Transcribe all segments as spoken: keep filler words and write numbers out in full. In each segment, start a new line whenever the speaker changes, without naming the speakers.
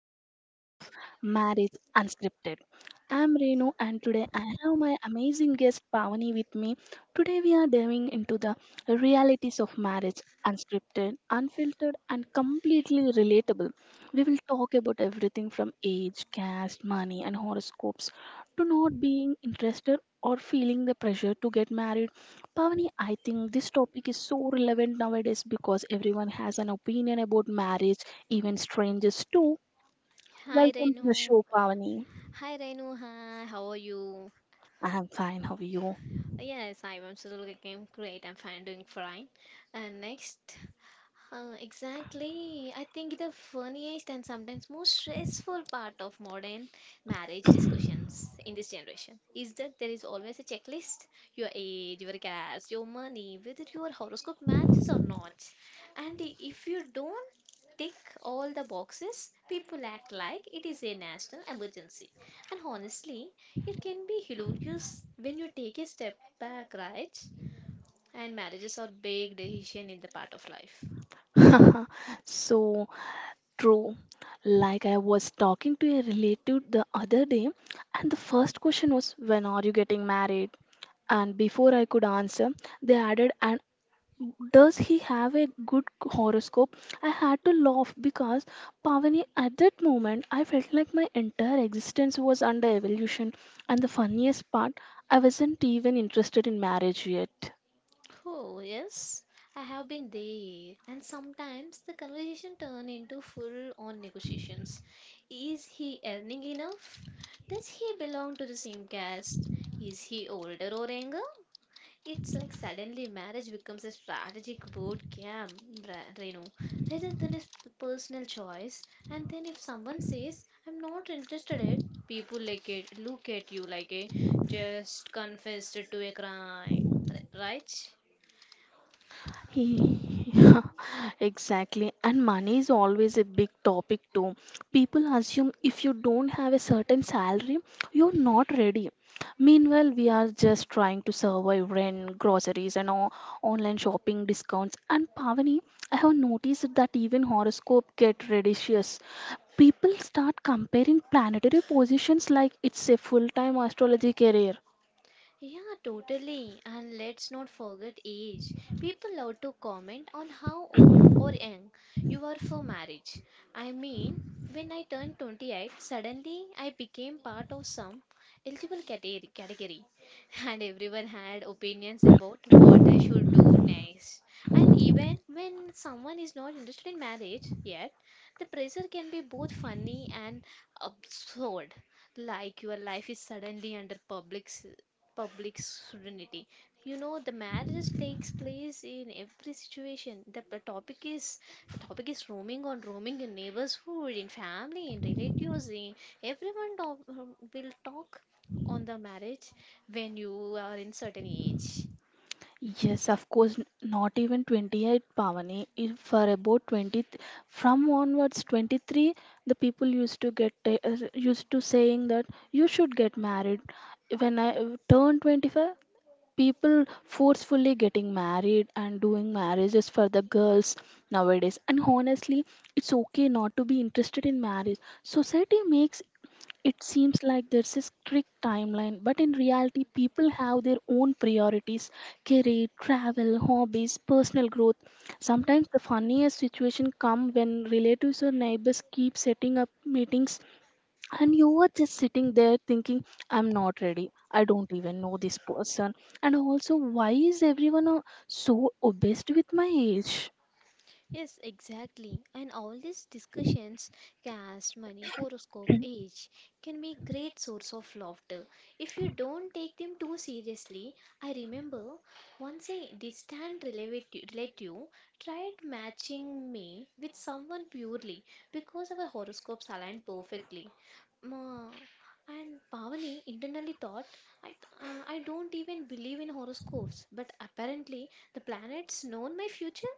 today's episode of Marriage Unscripted. I'm Renu, and today I have my amazing guest Pavani with me. Today, we are diving into the realities of marriage unscripted, unfiltered, and completely relatable. We will talk about everything from age, caste, money, and horoscopes to not being interested or feeling the pressure to get married. Pavani, I think this topic is so relevant nowadays because everyone has an opinion about marriage, even strangers too.
Hi
Welcome to
Renu.
the show, Pavani.
Hi Renu. Hi. How are you?
I'm fine. How are you?
Yes, I am still looking great. I'm fine, doing fine. And next. Uh, exactly. I think the funniest and sometimes most stressful part of modern marriage discussions in this generation is that there is always a checklist your age, your caste, your money, whether your horoscope matches or not. And i- if you don't tick all the boxes, people act like it is a national emergency. And honestly, it can be hilarious when you take a step back, right? And marriages are big decision in the part of life.
So true. Like I was talking to a relative the other day, and the first question was, when are you getting married? And before I could answer, they added, and does he have a good horoscope? I had to laugh because Pavani, at that moment, I felt like my entire existence was under evolution. And the funniest part, I wasn't even interested in marriage yet.
Oh, yes, I have been there. And sometimes the conversation turn into full-on negotiations. Is he earning enough? Does he belong to the same caste? Is he older or younger? It's like suddenly marriage becomes a strategic board game, Ra- Renu, rather than a sp- personal choice. And then if someone says, I'm not interested in it, people like it, look at you like a just confessed to a crime, R- right?
Yeah, exactly. And money is always a big topic too. People assume if you don't have a certain salary, you're not ready. Meanwhile, we are just trying to survive rent, groceries, and all, online shopping discounts. And Pavani, I have noticed that even horoscope get ridiculous. People start comparing planetary positions like it's a full-time astrology career.
Yeah, totally. And let's not forget age. People love to comment on how old or young you are for marriage. I mean, when I turned twenty-eight, suddenly I became part of some eligible category, category, and everyone had opinions about what I should do next. And even when someone is not interested in marriage yet, the pressure can be both funny and absurd like your life is suddenly under public s- public serenity. You know, the marriage takes place in every situation. The, the topic is the topic is roaming on roaming in neighborhood, in family, in relatives. In, everyone talk, will talk on the marriage when you are in certain age.
Yes, of course, n- not even twenty-eight Pavani. If for about twenty, th- from onwards twenty-three, the people used to get ta- uh, used to saying that you should get married. When I uh, turned twenty-five, people forcefully getting married and doing marriages for the girls nowadays. And honestly, it's okay not to be interested in marriage. Society makes it seems like there's a strict timeline, but in reality, people have their own priorities career, travel, hobbies, personal growth. Sometimes the funniest situation come when relatives or neighbors keep setting up meetings and you are just sitting there thinking, I'm not ready. I don't even know this person. And also, why is everyone uh, so obsessed with my age?
Yes, exactly. And all these discussions, caste, money, horoscope, age, can be great source of laughter if you don't take them too seriously. I remember once a distant relative relative tried matching me with someone purely because our horoscopes aligned perfectly. Ma- And Pavani internally thought, I, th- uh, I don't even believe in horoscopes, but apparently the planets known my future.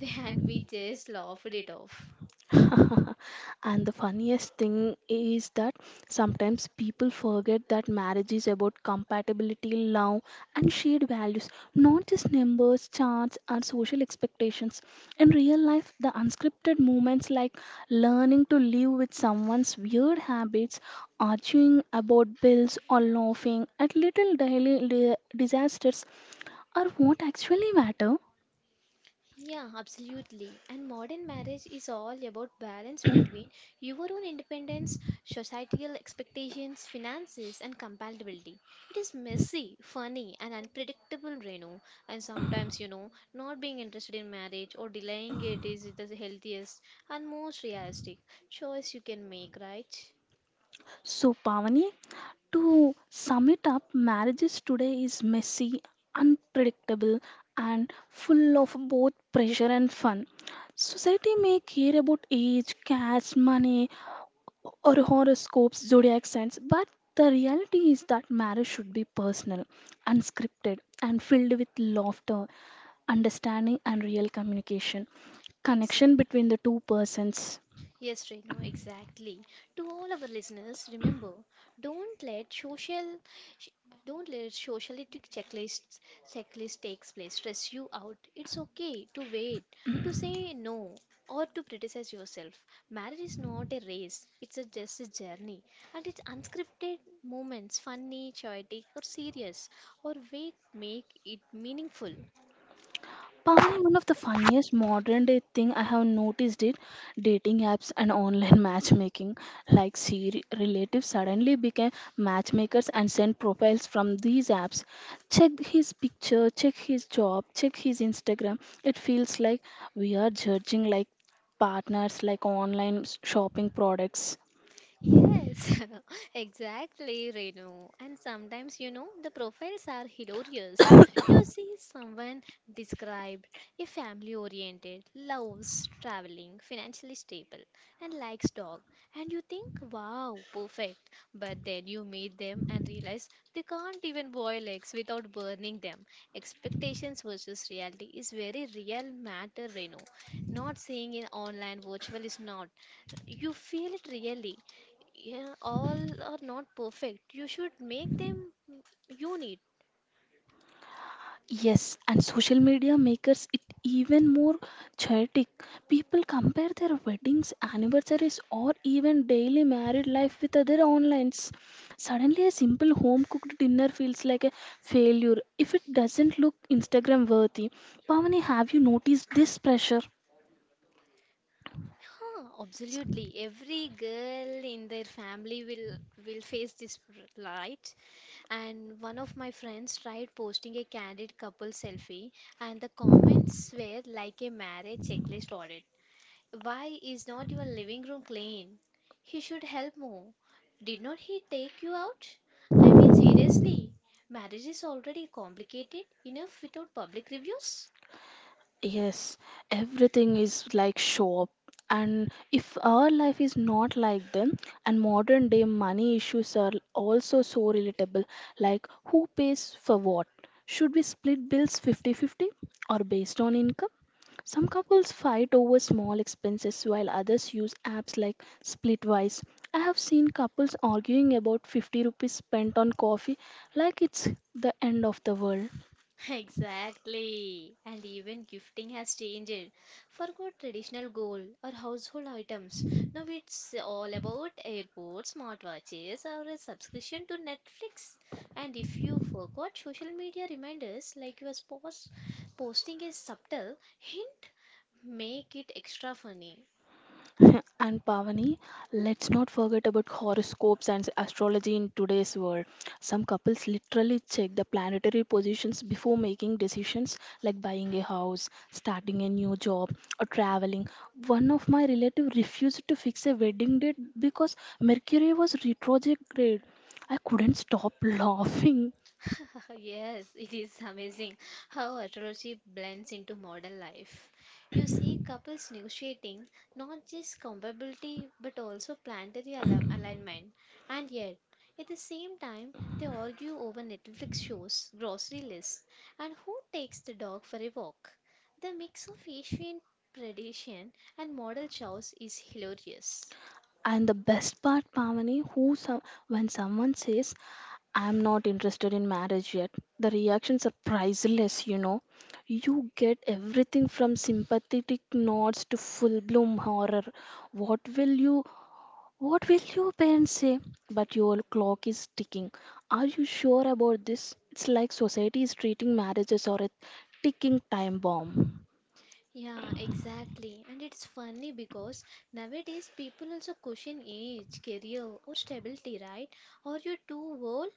And we just laughed it off.
And the funniest thing is that sometimes people forget that marriage is about compatibility, love, and shared values, not just numbers, charts, and social expectations. In real life, the unscripted moments like learning to live with someone's weird habits, arguing about bills, or laughing at little daily li- disasters are what actually matter.
Yeah, absolutely. And modern marriage is all about balance between your own independence, societal expectations, finances, and compatibility. It is messy, funny, and unpredictable, Renu. And sometimes, you know, not being interested in marriage or delaying it is the healthiest and most realistic choice you can make, right?
So, Pavani, to sum it up, marriages today is messy, unpredictable, and full of both pressure and fun. Society may care about age, caste, money, or horoscopes, zodiac signs, but the reality is that marriage should be personal, unscripted, and filled with laughter, understanding, and real communication. Connection
Exactly.
between the two persons.
Yes, Renu, exactly. To all our listeners, remember, don't let social, sh- don't let socialistic checklists checklist takes place stress you out. It's okay to wait, to say no, or to criticize yourself. Marriage is not a race; it's a just a journey, and it's unscripted moments, funny, chaotic, or serious, or wait, make it meaningful.
Pavani, one of the funniest modern day thing I have noticed it dating apps and online matchmaking. Like Siri relatives suddenly became matchmakers and sent profiles from these apps. Check his picture, check his job, check his Instagram. It feels like we are judging like partners like online s- shopping products.
Yes, exactly, Renu. And sometimes, you know, the profiles are hilarious. You see someone described a family-oriented, loves traveling, financially stable, and likes dog. And you think, wow, perfect. But then you meet them and realize they can't even boil eggs without burning them. Expectations versus reality is very real matter, Renu. Not saying in online virtual is not. You feel it really. Yeah, all are not perfect. You should make them unique.
Yes, and social media makes it even more chaotic. People compare their weddings, anniversaries, or even daily married life with other onlines. Suddenly, a simple home cooked dinner feels like a failure if it doesn't look Instagram worthy. Pavani, have you noticed this pressure?
Huh, absolutely. Every girl in their family will will face this r- right. And one of my friends tried posting a candid couple selfie, and the comments were like a marriage checklist already. Why is not your living room clean? He should help more. Did not he take you out? I mean, seriously, marriage is already complicated enough without public reviews.
Yes, everything is like show up. And if our life is not like them, and modern day money issues are also so relatable, like who pays for what? Should we split bills fifty-fifty or based on income? Some couples fight over small expenses while others use apps like Splitwise. I have seen couples arguing about fifty rupees spent on coffee like it's the end of the world.
Exactly. And even gifting has changed. Forgot traditional gold or household items. Now it's all about airports, smartwatches, or a subscription to Netflix. And if you forgot social media reminders like your spouse posting a subtle hint, make it extra funny.
And Pavani, let's not forget about horoscopes and astrology in today's world. Some couples literally check the planetary positions before making decisions like buying a house, starting a new job, or traveling. One of my relatives refused to fix a wedding date because Mercury was retrograde. I couldn't stop laughing.
Yes, it is amazing how astrology blends into modern life. You see couples negotiating not just compatibility but also planetary al- alignment, and yet at the same time they argue over Netflix shows, grocery lists, and who takes the dog for a walk. The mix of ancient tradition and modern choice is hilarious.
And the best part, Pavani, who some, when someone says, I'm not interested in marriage yet, the reactions are priceless, you know. You get everything from sympathetic nods to full bloom horror. What will you what will your parents say? But your clock is ticking. Are you sure about this? It's like society is treating marriages or a ticking time bomb.
Yeah, exactly. And it's funny because nowadays people also question age, career, or stability, right? Are you too old?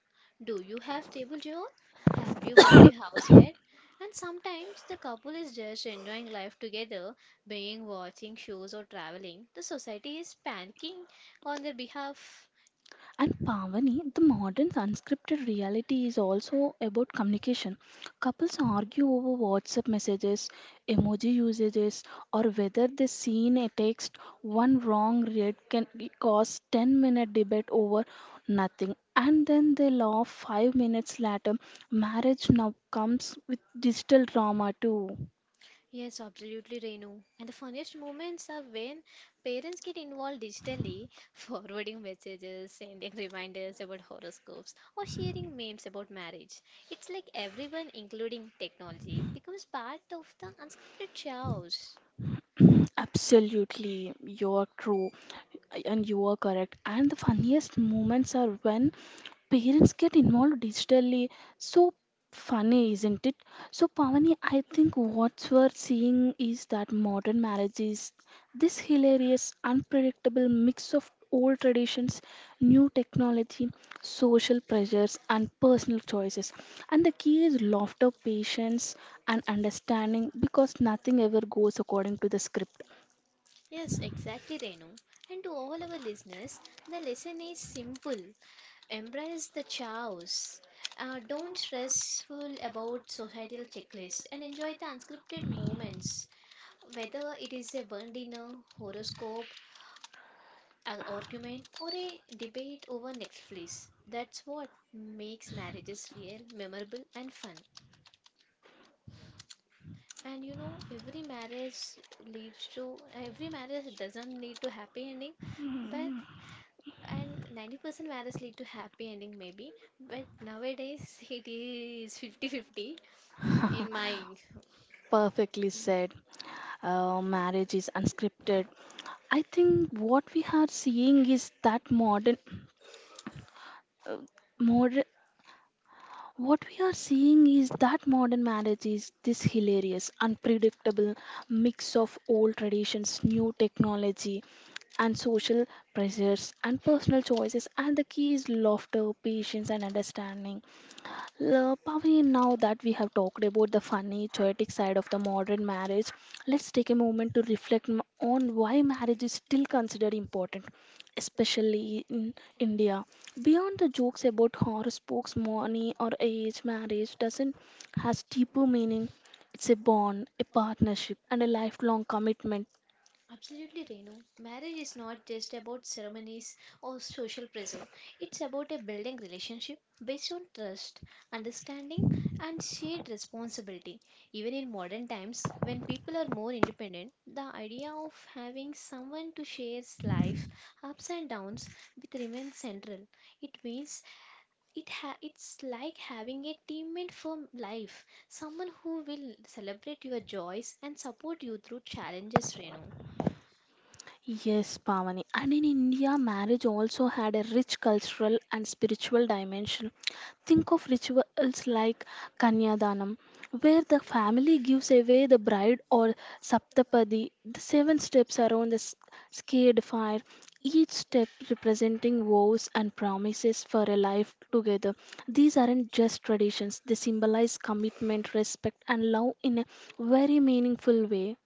Do you have stable job? Have you bought a house yet? And sometimes the couple is just enjoying life together, being watching shows or traveling. The society is panicking on their behalf.
And Pavani, the modern unscripted reality is also about communication. Couples argue over WhatsApp messages, emoji usages, or whether they seen a text. One wrong read can cause ten minute debate over nothing. And then they laugh five minutes later. Marriage now comes with digital drama too.
Yes, absolutely, Renu. And the funniest moments are when parents get involved digitally, forwarding messages, sending reminders about horoscopes, or sharing memes about marriage. It's like everyone, including technology, becomes part of the unscripted chaos.
Absolutely, you're true and you are correct. And the funniest moments are when parents get involved digitally. So funny, isn't it? So, Pavani, I think what we're seeing is that modern marriage is this hilarious, unpredictable mix of old traditions, new technology, social pressures, and personal choices. And the key is laughter, patience, and understanding because nothing ever goes according to the script.
Yes, exactly, Renu. And to all our listeners, the lesson is simple embrace the chaos. Uh, don't stressful about societal checklists and enjoy the unscripted moments. Whether it is a one dinner, horoscope, an argument, or a debate over Netflix, that's what makes marriages real, memorable, and fun. And you know, every marriage leads to every marriage doesn't lead to happy ending, but and ninety percent marriage lead to happy ending maybe, but nowadays it is fifty-fifty in my.
Perfectly said. Uh, marriage is unscripted. I think what we are seeing is that modern, uh, modern What we are seeing is that modern marriage is this hilarious, unpredictable mix of old traditions, new technology, and social pressures and personal choices. And the key is laughter, patience, and understanding. L- Pavi, now that we have talked about the funny, chaotic side of the modern marriage, let's take a moment to reflect m- on why marriage is still considered important, especially in India. Beyond the jokes about horoscopes, money, or age, marriage doesn't has deeper meaning. It's a bond, a partnership, and a lifelong commitment.
Absolutely, Renu. Marriage is not just about ceremonies or social pressure. It's about a building relationship based on trust, understanding, and shared responsibility. Even in modern times, when people are more independent, the idea of having someone to share life's ups and downs with remains central. It means it ha- it's like having a teammate for life, someone who will celebrate your joys and support you through challenges, Renu.
Yes, Pavani. And in India, marriage also had a rich cultural and spiritual dimension. Think of rituals like Kanyadanam, where the family gives away the bride, or Saptapadi, the seven steps around the s- scared fire, each step representing vows and promises for a life together. These aren't just traditions, they symbolize commitment, respect, and love in a very meaningful way.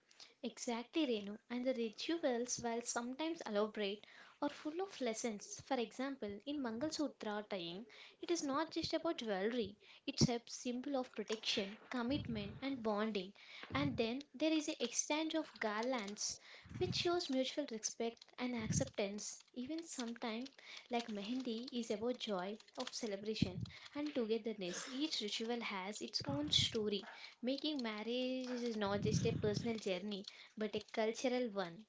Exactly, Renu. And the rituals, while sometimes elaborate, are full of lessons. For example, in Mangalsutra tying, it is not just about jewelry, it's a symbol of protection, commitment, and bonding. And then there is a exchange of garlands, which shows mutual respect and acceptance. Even sometimes, like Mehendi, is about joy of celebration and togetherness. Each ritual has its own story, making marriage is not just a personal journey but a cultural one.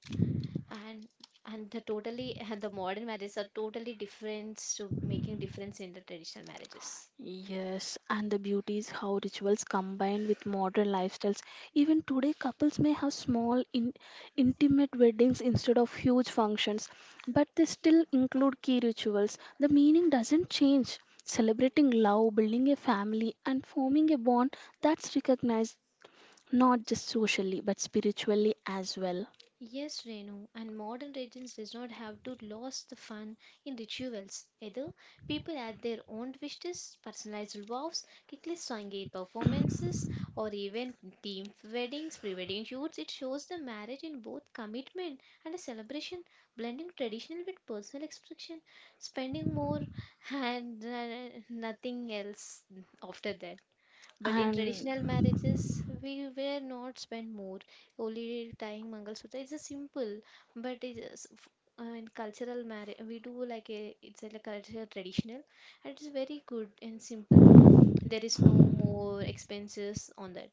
And and the totally and the modern marriages are totally different to making difference in the traditional marriages.
Yes, and the beauty is how rituals combined with modern lifestyles. Even today, couples may have small, in, intimate weddings instead of huge functions, but they still include key rituals. The meaning doesn't change. Celebrating love, building a family, and forming a bond that's recognized not just socially but spiritually as well.
Yes, Renu, and modern religions does not have to lose the fun in rituals. Either people add their own wishes, personalized vows, kickless Sangeet performances, or even team weddings, pre-wedding shoots. It shows the marriage in both commitment and a celebration, blending traditional with personal expression, spending more and uh, nothing else after that. But in
And
traditional marriages, we were not spent more, only tying Mangalsutra. It's a simple, but it's a s- f- uh, in cultural marriage, we do like a, it's a, like cultural traditional, and it's very good and simple. There is no more expenses on that.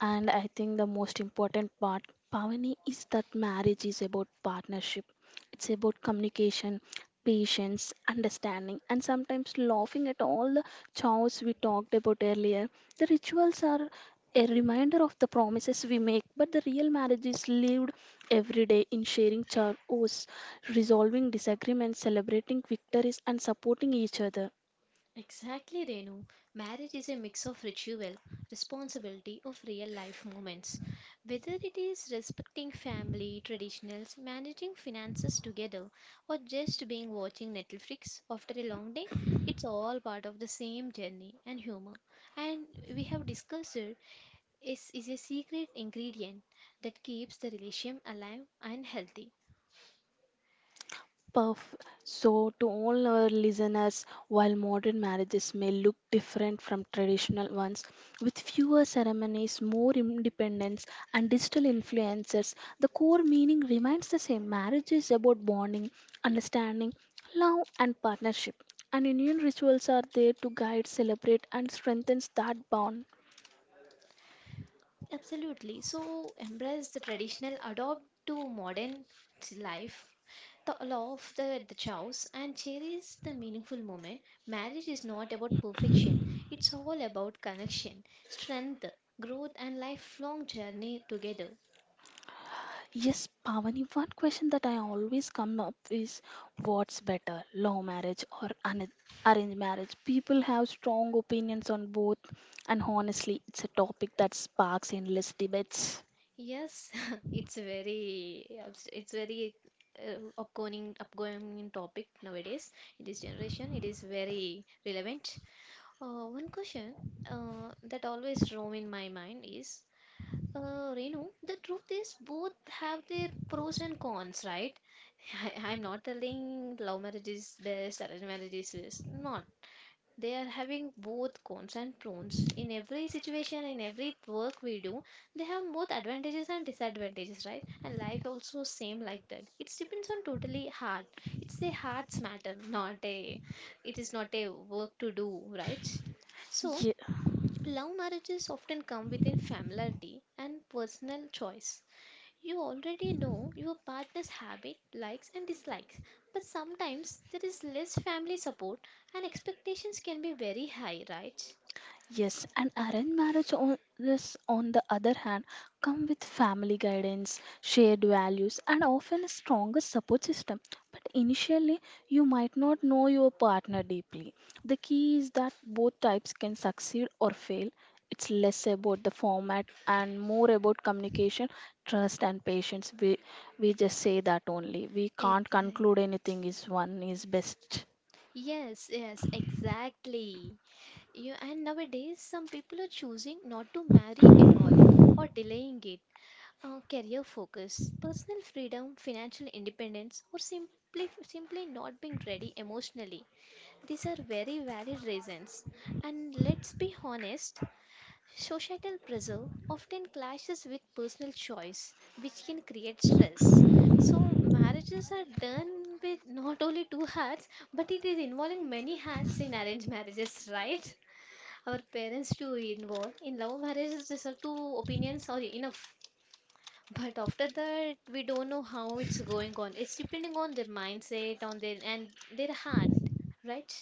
And I think the most important part, Pavani, is that marriage is about partnership. It's about communication, patience, understanding, and sometimes laughing at all the chores we talked about earlier. The rituals are a reminder of the promises we make, but the real marriage is lived every day in sharing chores, resolving disagreements, celebrating victories, and supporting each other.
Exactly, Renu. Marriage is a mix of ritual, responsibility of real life moments. Whether it is respecting family traditionals, managing finances together, or just being watching Netflix after a long day, it's all part of the same journey and humor. And we have discussed it is, is a secret ingredient that keeps the relation alive and healthy.
Perf. So, to all our listeners, while modern marriages may look different from traditional ones, with fewer ceremonies, more independence, and digital influences, the core meaning remains the same. Marriage is about bonding, understanding, love, and partnership. And Indian rituals are there to guide, celebrate, and strengthen that bond.
Absolutely. So embrace the traditional, adopt to modern life, the law of the, the chows, and cherish the meaningful moment. Marriage is not about perfection, it's all about connection, strength, growth, and lifelong journey together.
Yes, Pavani, one question that I always come up is what's better, law marriage or un- arranged marriage? People have strong opinions on both, and honestly, it's a topic that sparks endless debates.
Yes, it's very abs- it's very uh, upcoming upcoming topic nowadays in this generation. It is very relevant. Uh, one question uh, that always roam in my mind is Uh, Renu, the truth is both have their pros and cons, right? I, I'm not telling love marriage is best, arranged marriage is best. Not. They are having both cons and pros. In every situation, in every work we do, they have both advantages and disadvantages, right? And life also same like that. It depends on totally heart. It's a heart's matter, not a. It is not a work to do, right? So.
Yeah.
Love marriages often come within familiarity and personal choice. You already know your partner's habit, likes and dislikes, but sometimes there is less family support and expectations can be very high, right?
Yes, and arranged marriage on this, on the other hand, come with family guidance, shared values, and often a stronger support system. But initially, you might not know your partner deeply. The key is that both types can succeed or fail. It's less about the format and more about communication, trust, and patience. We we just say that only. We can't
Exactly.
conclude anything is one is best.
Yes, yes, exactly. You and nowadays some people are choosing not to marry at all or delaying it. Uh, career focus, personal freedom, financial independence, or simply simply not being ready emotionally. These are very valid reasons. And let's be honest, societal pressure often clashes with personal choice, which can create stress. So marriages are done with not only two hearts, but it is involving many hearts in arranged marriages, right? Our parents to involve in love marriages, these are two opinions or enough. But after that, we don't know how it's going on. It's depending on their mindset, on their and their heart, right?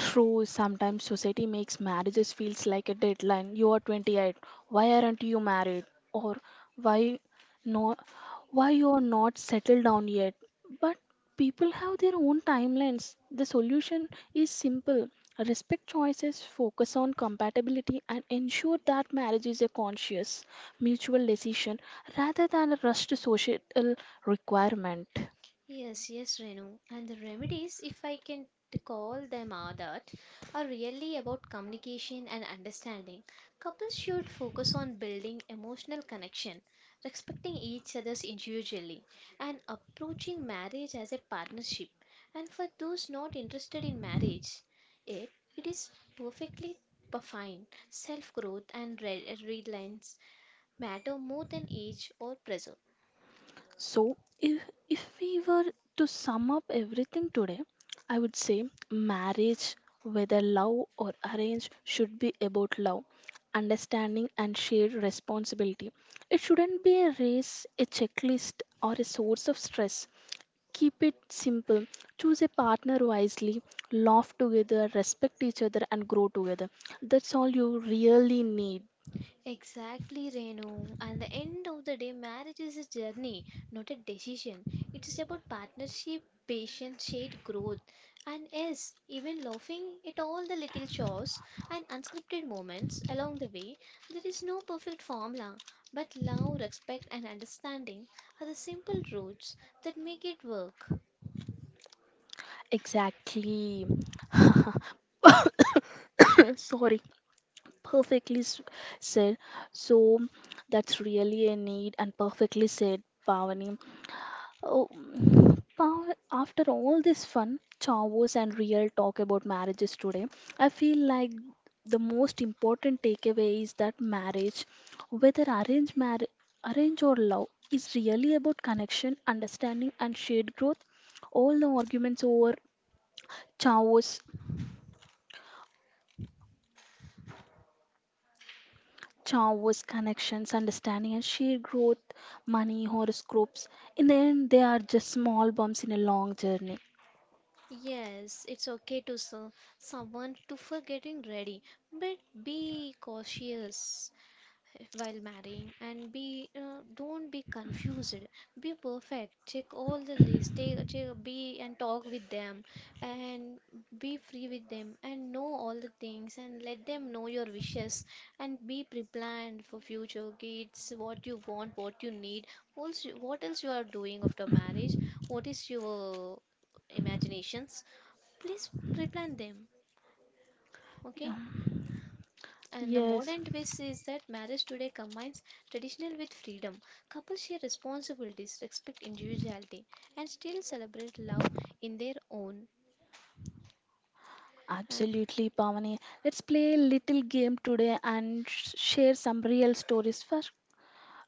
True, sometimes society makes marriages feels like a deadline. You are twenty-eight. Why aren't you married? Or why no why you are not settled down yet? But people have their own timelines. The solution is simple. Respect choices, focus on compatibility and ensure that marriage is a conscious, mutual decision rather than a rushed social requirement.
Yes, yes, Renu. And the remedies, if I can t- call them, are that are really about communication and understanding. Couples should focus on building emotional connection, respecting each other's individually, and approaching marriage as a partnership. And for those not interested in marriage, it it is perfectly p- fine. Self growth and re- relines matter more than age or pressure.
So, if, if we were to sum up everything today, I would say marriage, whether love or arrange, should be about love, understanding, and shared responsibility. It shouldn't be a race, a checklist, or a source of stress. Keep it simple, choose a partner wisely, laugh together, respect each other, and grow together. That's all you really need.
Exactly, Renu. And the end of the day, marriage is a journey, not a decision. It is about partnership, patience, shared growth. And yes, even laughing at all the little chores and unscripted moments along the way, there is no perfect formula. But love, respect, and understanding are the simple roots that make it work.
Exactly. Sorry. Perfectly s- said. So that's really a need and perfectly said, Pavani. Oh, Pav- after all this fun, chavos and real talk about marriages today, I feel like the most important takeaway is that marriage, whether arranged marriage, arrange or love, is really about connection, understanding, and shared growth. All the arguments over chavos chaos, connections, understanding, and shared growth, money, horoscopes. In the end, they are just small bumps in a long journey.
Yes, it's okay to s someone to for getting ready, but be cautious. While marrying and be uh, don't be confused, be perfect, check all the list, take, check, be and talk with them, and be free with them and know all the things and let them know your wishes and be pre-planned for future kids, what you want, what you need, also what else you are doing after marriage, what is your imaginations, please pre-plan them, okay?
Yeah.
And the
Yes.
modern twist is that marriage today combines traditional with freedom. Couples share responsibilities, respect individuality, and still celebrate love in their own. And
Absolutely, Pavani. Let's play a little game today and sh- share some real stories first.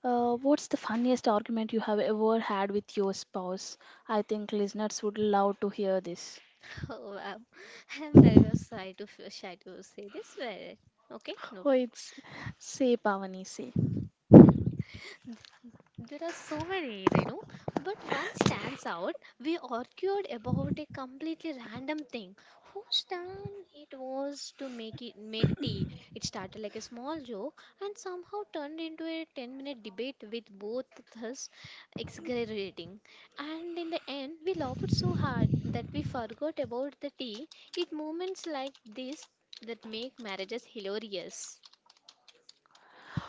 Uh, what's the funniest argument you have ever had with your spouse? I think listeners would love to hear this.
oh, wow, I'm very shy to shy to say this, but okay, no.
Oh, it's say Pavani say.
There are so many, Renu, but one stands out. We argued about a completely random thing. Whose turn it was to make it make tea? It started like a small joke and somehow turned into a ten-minute debate with both of us exaggerating. And in the end, we laughed so hard that we forgot about the tea. It moments like this that make marriages hilarious.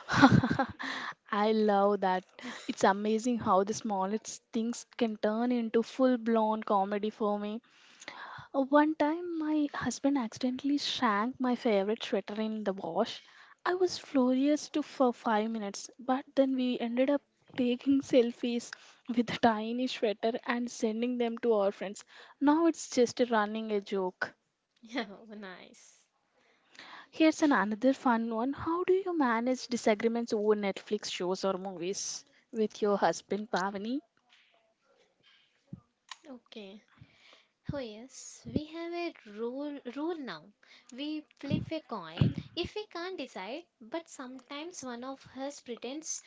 I love that. It's amazing how the smallest things can turn into full blown comedy for me. Uh, One time, my husband accidentally shrank my favorite sweater in the wash. I was furious to for five minutes, but then we ended up taking selfies with the tiny sweater and sending them to our friends. Now it's just a running a joke.
Yeah, nice.
Here's an another fun one. How do you manage disagreements over Netflix shows or movies with your husband Pavani?
Okay. Oh yes, we have a rule rule now. We flip a coin if we can't decide, but sometimes one of us pretends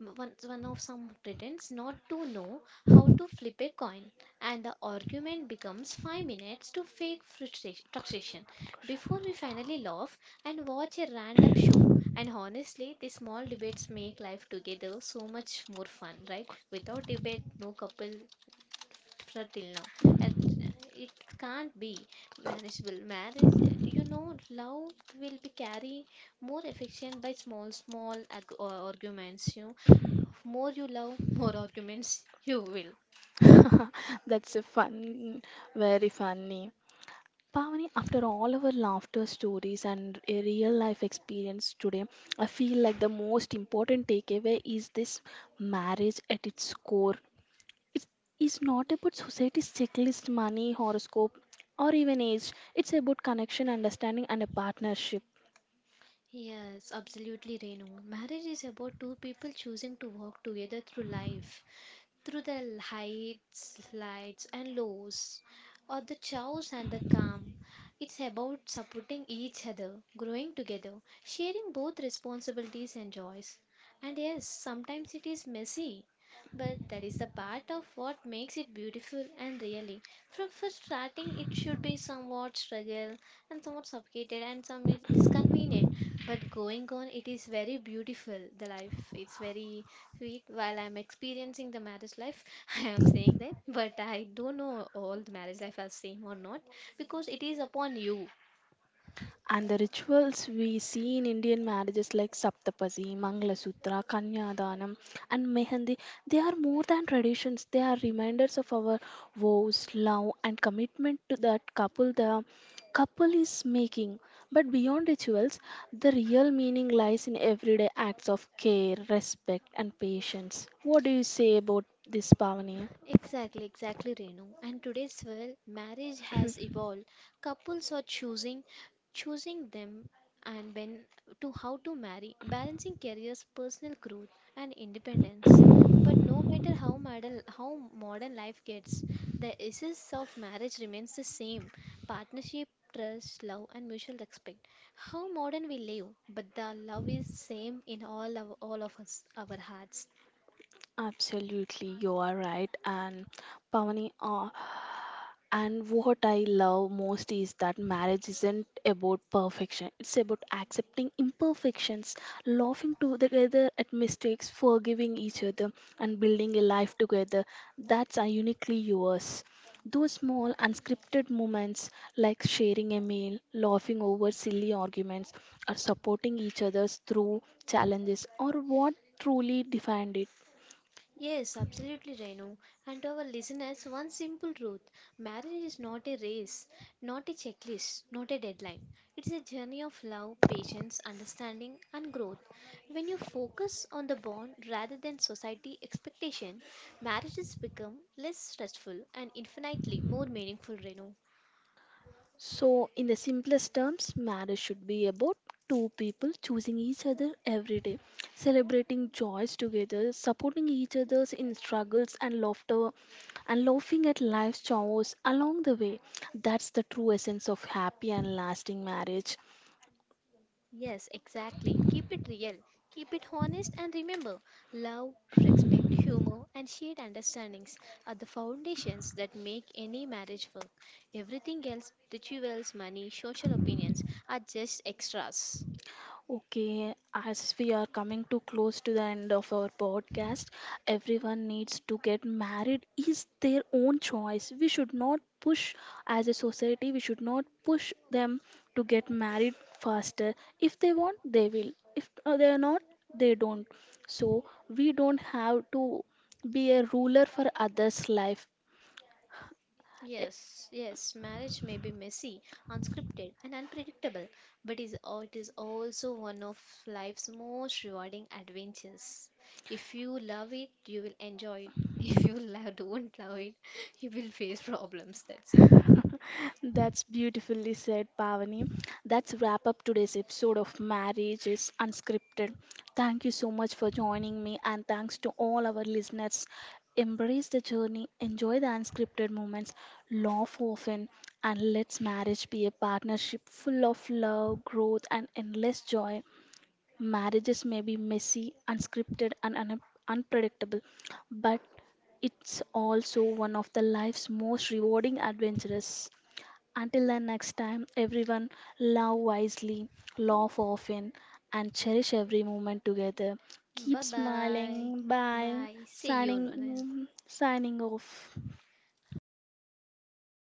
one, one of some pretends not to know how to flip a coin and the argument becomes five minutes to fake frustra- frustration before we finally laugh and watch a random show. And honestly, these small debates make life together so much more fun, right? Without debate, no couple for till now. And it can't be manageable. Marriage, you know, love will be carry more affection by small, small ag- uh, arguments. You know, more you love, more arguments you will.
That's a fun, very funny. Pavani, after all our laughter stories and a real life experience today, I feel like the most important takeaway is this marriage at its core. It is not about society's checklist, money, horoscope, or even age. It's about connection, understanding, and a partnership.
Yes, absolutely, Renu. Marriage is about two people choosing to walk together through life, through the heights, slides, and lows, or the chaos and the calm. It's about supporting each other, growing together, sharing both responsibilities and joys. And yes, sometimes it is messy, but that is the part of what makes it beautiful and really. From first starting, it should be somewhat struggle and somewhat suffocated and some is disconvenient, but going on, it is very beautiful. The life, it's very sweet while I'm experiencing the marriage life. I am saying that, but I don't know all the marriage life are same or not because it is upon you.
And the rituals we see in Indian marriages like Saptapadi, Sutra, Kanyadanam, and Mehendi, they are more than traditions. They are reminders of our vows, love, and commitment to that couple the couple is making. But beyond rituals, the real meaning lies in everyday acts of care, respect, and patience. What do you say about this, Pavani?
Exactly, exactly, Renu. And today's well, marriage has evolved. Couples are choosing, choosing them, and when to how to marry, balancing careers, personal growth, and independence. But no matter how modern how modern life gets, the essence of marriage remains the same: partnership, trust, love, and mutual respect. How modern we live, but the love is same in all of all of us, our hearts.
Absolutely, you are right. And Pavani, uh, And what I love most is that marriage isn't about perfection. It's about accepting imperfections, laughing together at mistakes, forgiving each other, and building a life together that's are uniquely yours. Those small unscripted moments like sharing a meal, laughing over silly arguments, or supporting each other through challenges are what truly defined it.
Yes, absolutely, Renu. And to our listeners, one simple truth: marriage is not a race, not a checklist, not a deadline. It's a journey of love, patience, understanding, and growth. When you focus on the bond rather than society expectation, marriages become less stressful and infinitely more meaningful, Renu.
So, in the simplest terms, marriage should be about two people choosing each other every day, celebrating joys together, supporting each other in struggles and laughter, and laughing at life's chores along the way. That's the true essence of happy and lasting marriage.
Yes, exactly. Keep it real, keep it honest, and remember love, respect, humor, and shared understandings are the foundations that make any marriage work. Everything else, rituals, money, social opinions, are just extras.
Okay, as we are coming too close to the end of our podcast, everyone needs to get married is their own choice. We should not push as a society, we should not push them to get married faster. If they want, they will. If uh, they are not, they don't. So we don't have to be a ruler for others' life. Eh,
Yes, yes, marriage may be messy, unscripted, and unpredictable, but is al- it is also one of life's most rewarding adventures. If you love it, you will enjoy it. If you love, don't love it, you will face problems. That's it.
that's beautifully said, Pavani. That's wrap up today's episode of Marriage is Unscripted. Thank you so much for joining me, and thanks to all our listeners. Embrace the journey, enjoy the unscripted moments, laugh often, and let's marriage be a partnership full of love, growth, and endless joy. Marriages may be messy, unscripted, and un- unpredictable, but it's also one of the life's most rewarding adventures. Until the next time, everyone love wisely, laugh often, and cherish every moment together.
Bye
Keep
bye.
smiling. Bye.
Bye. See you. Nona.
Signing, signing off.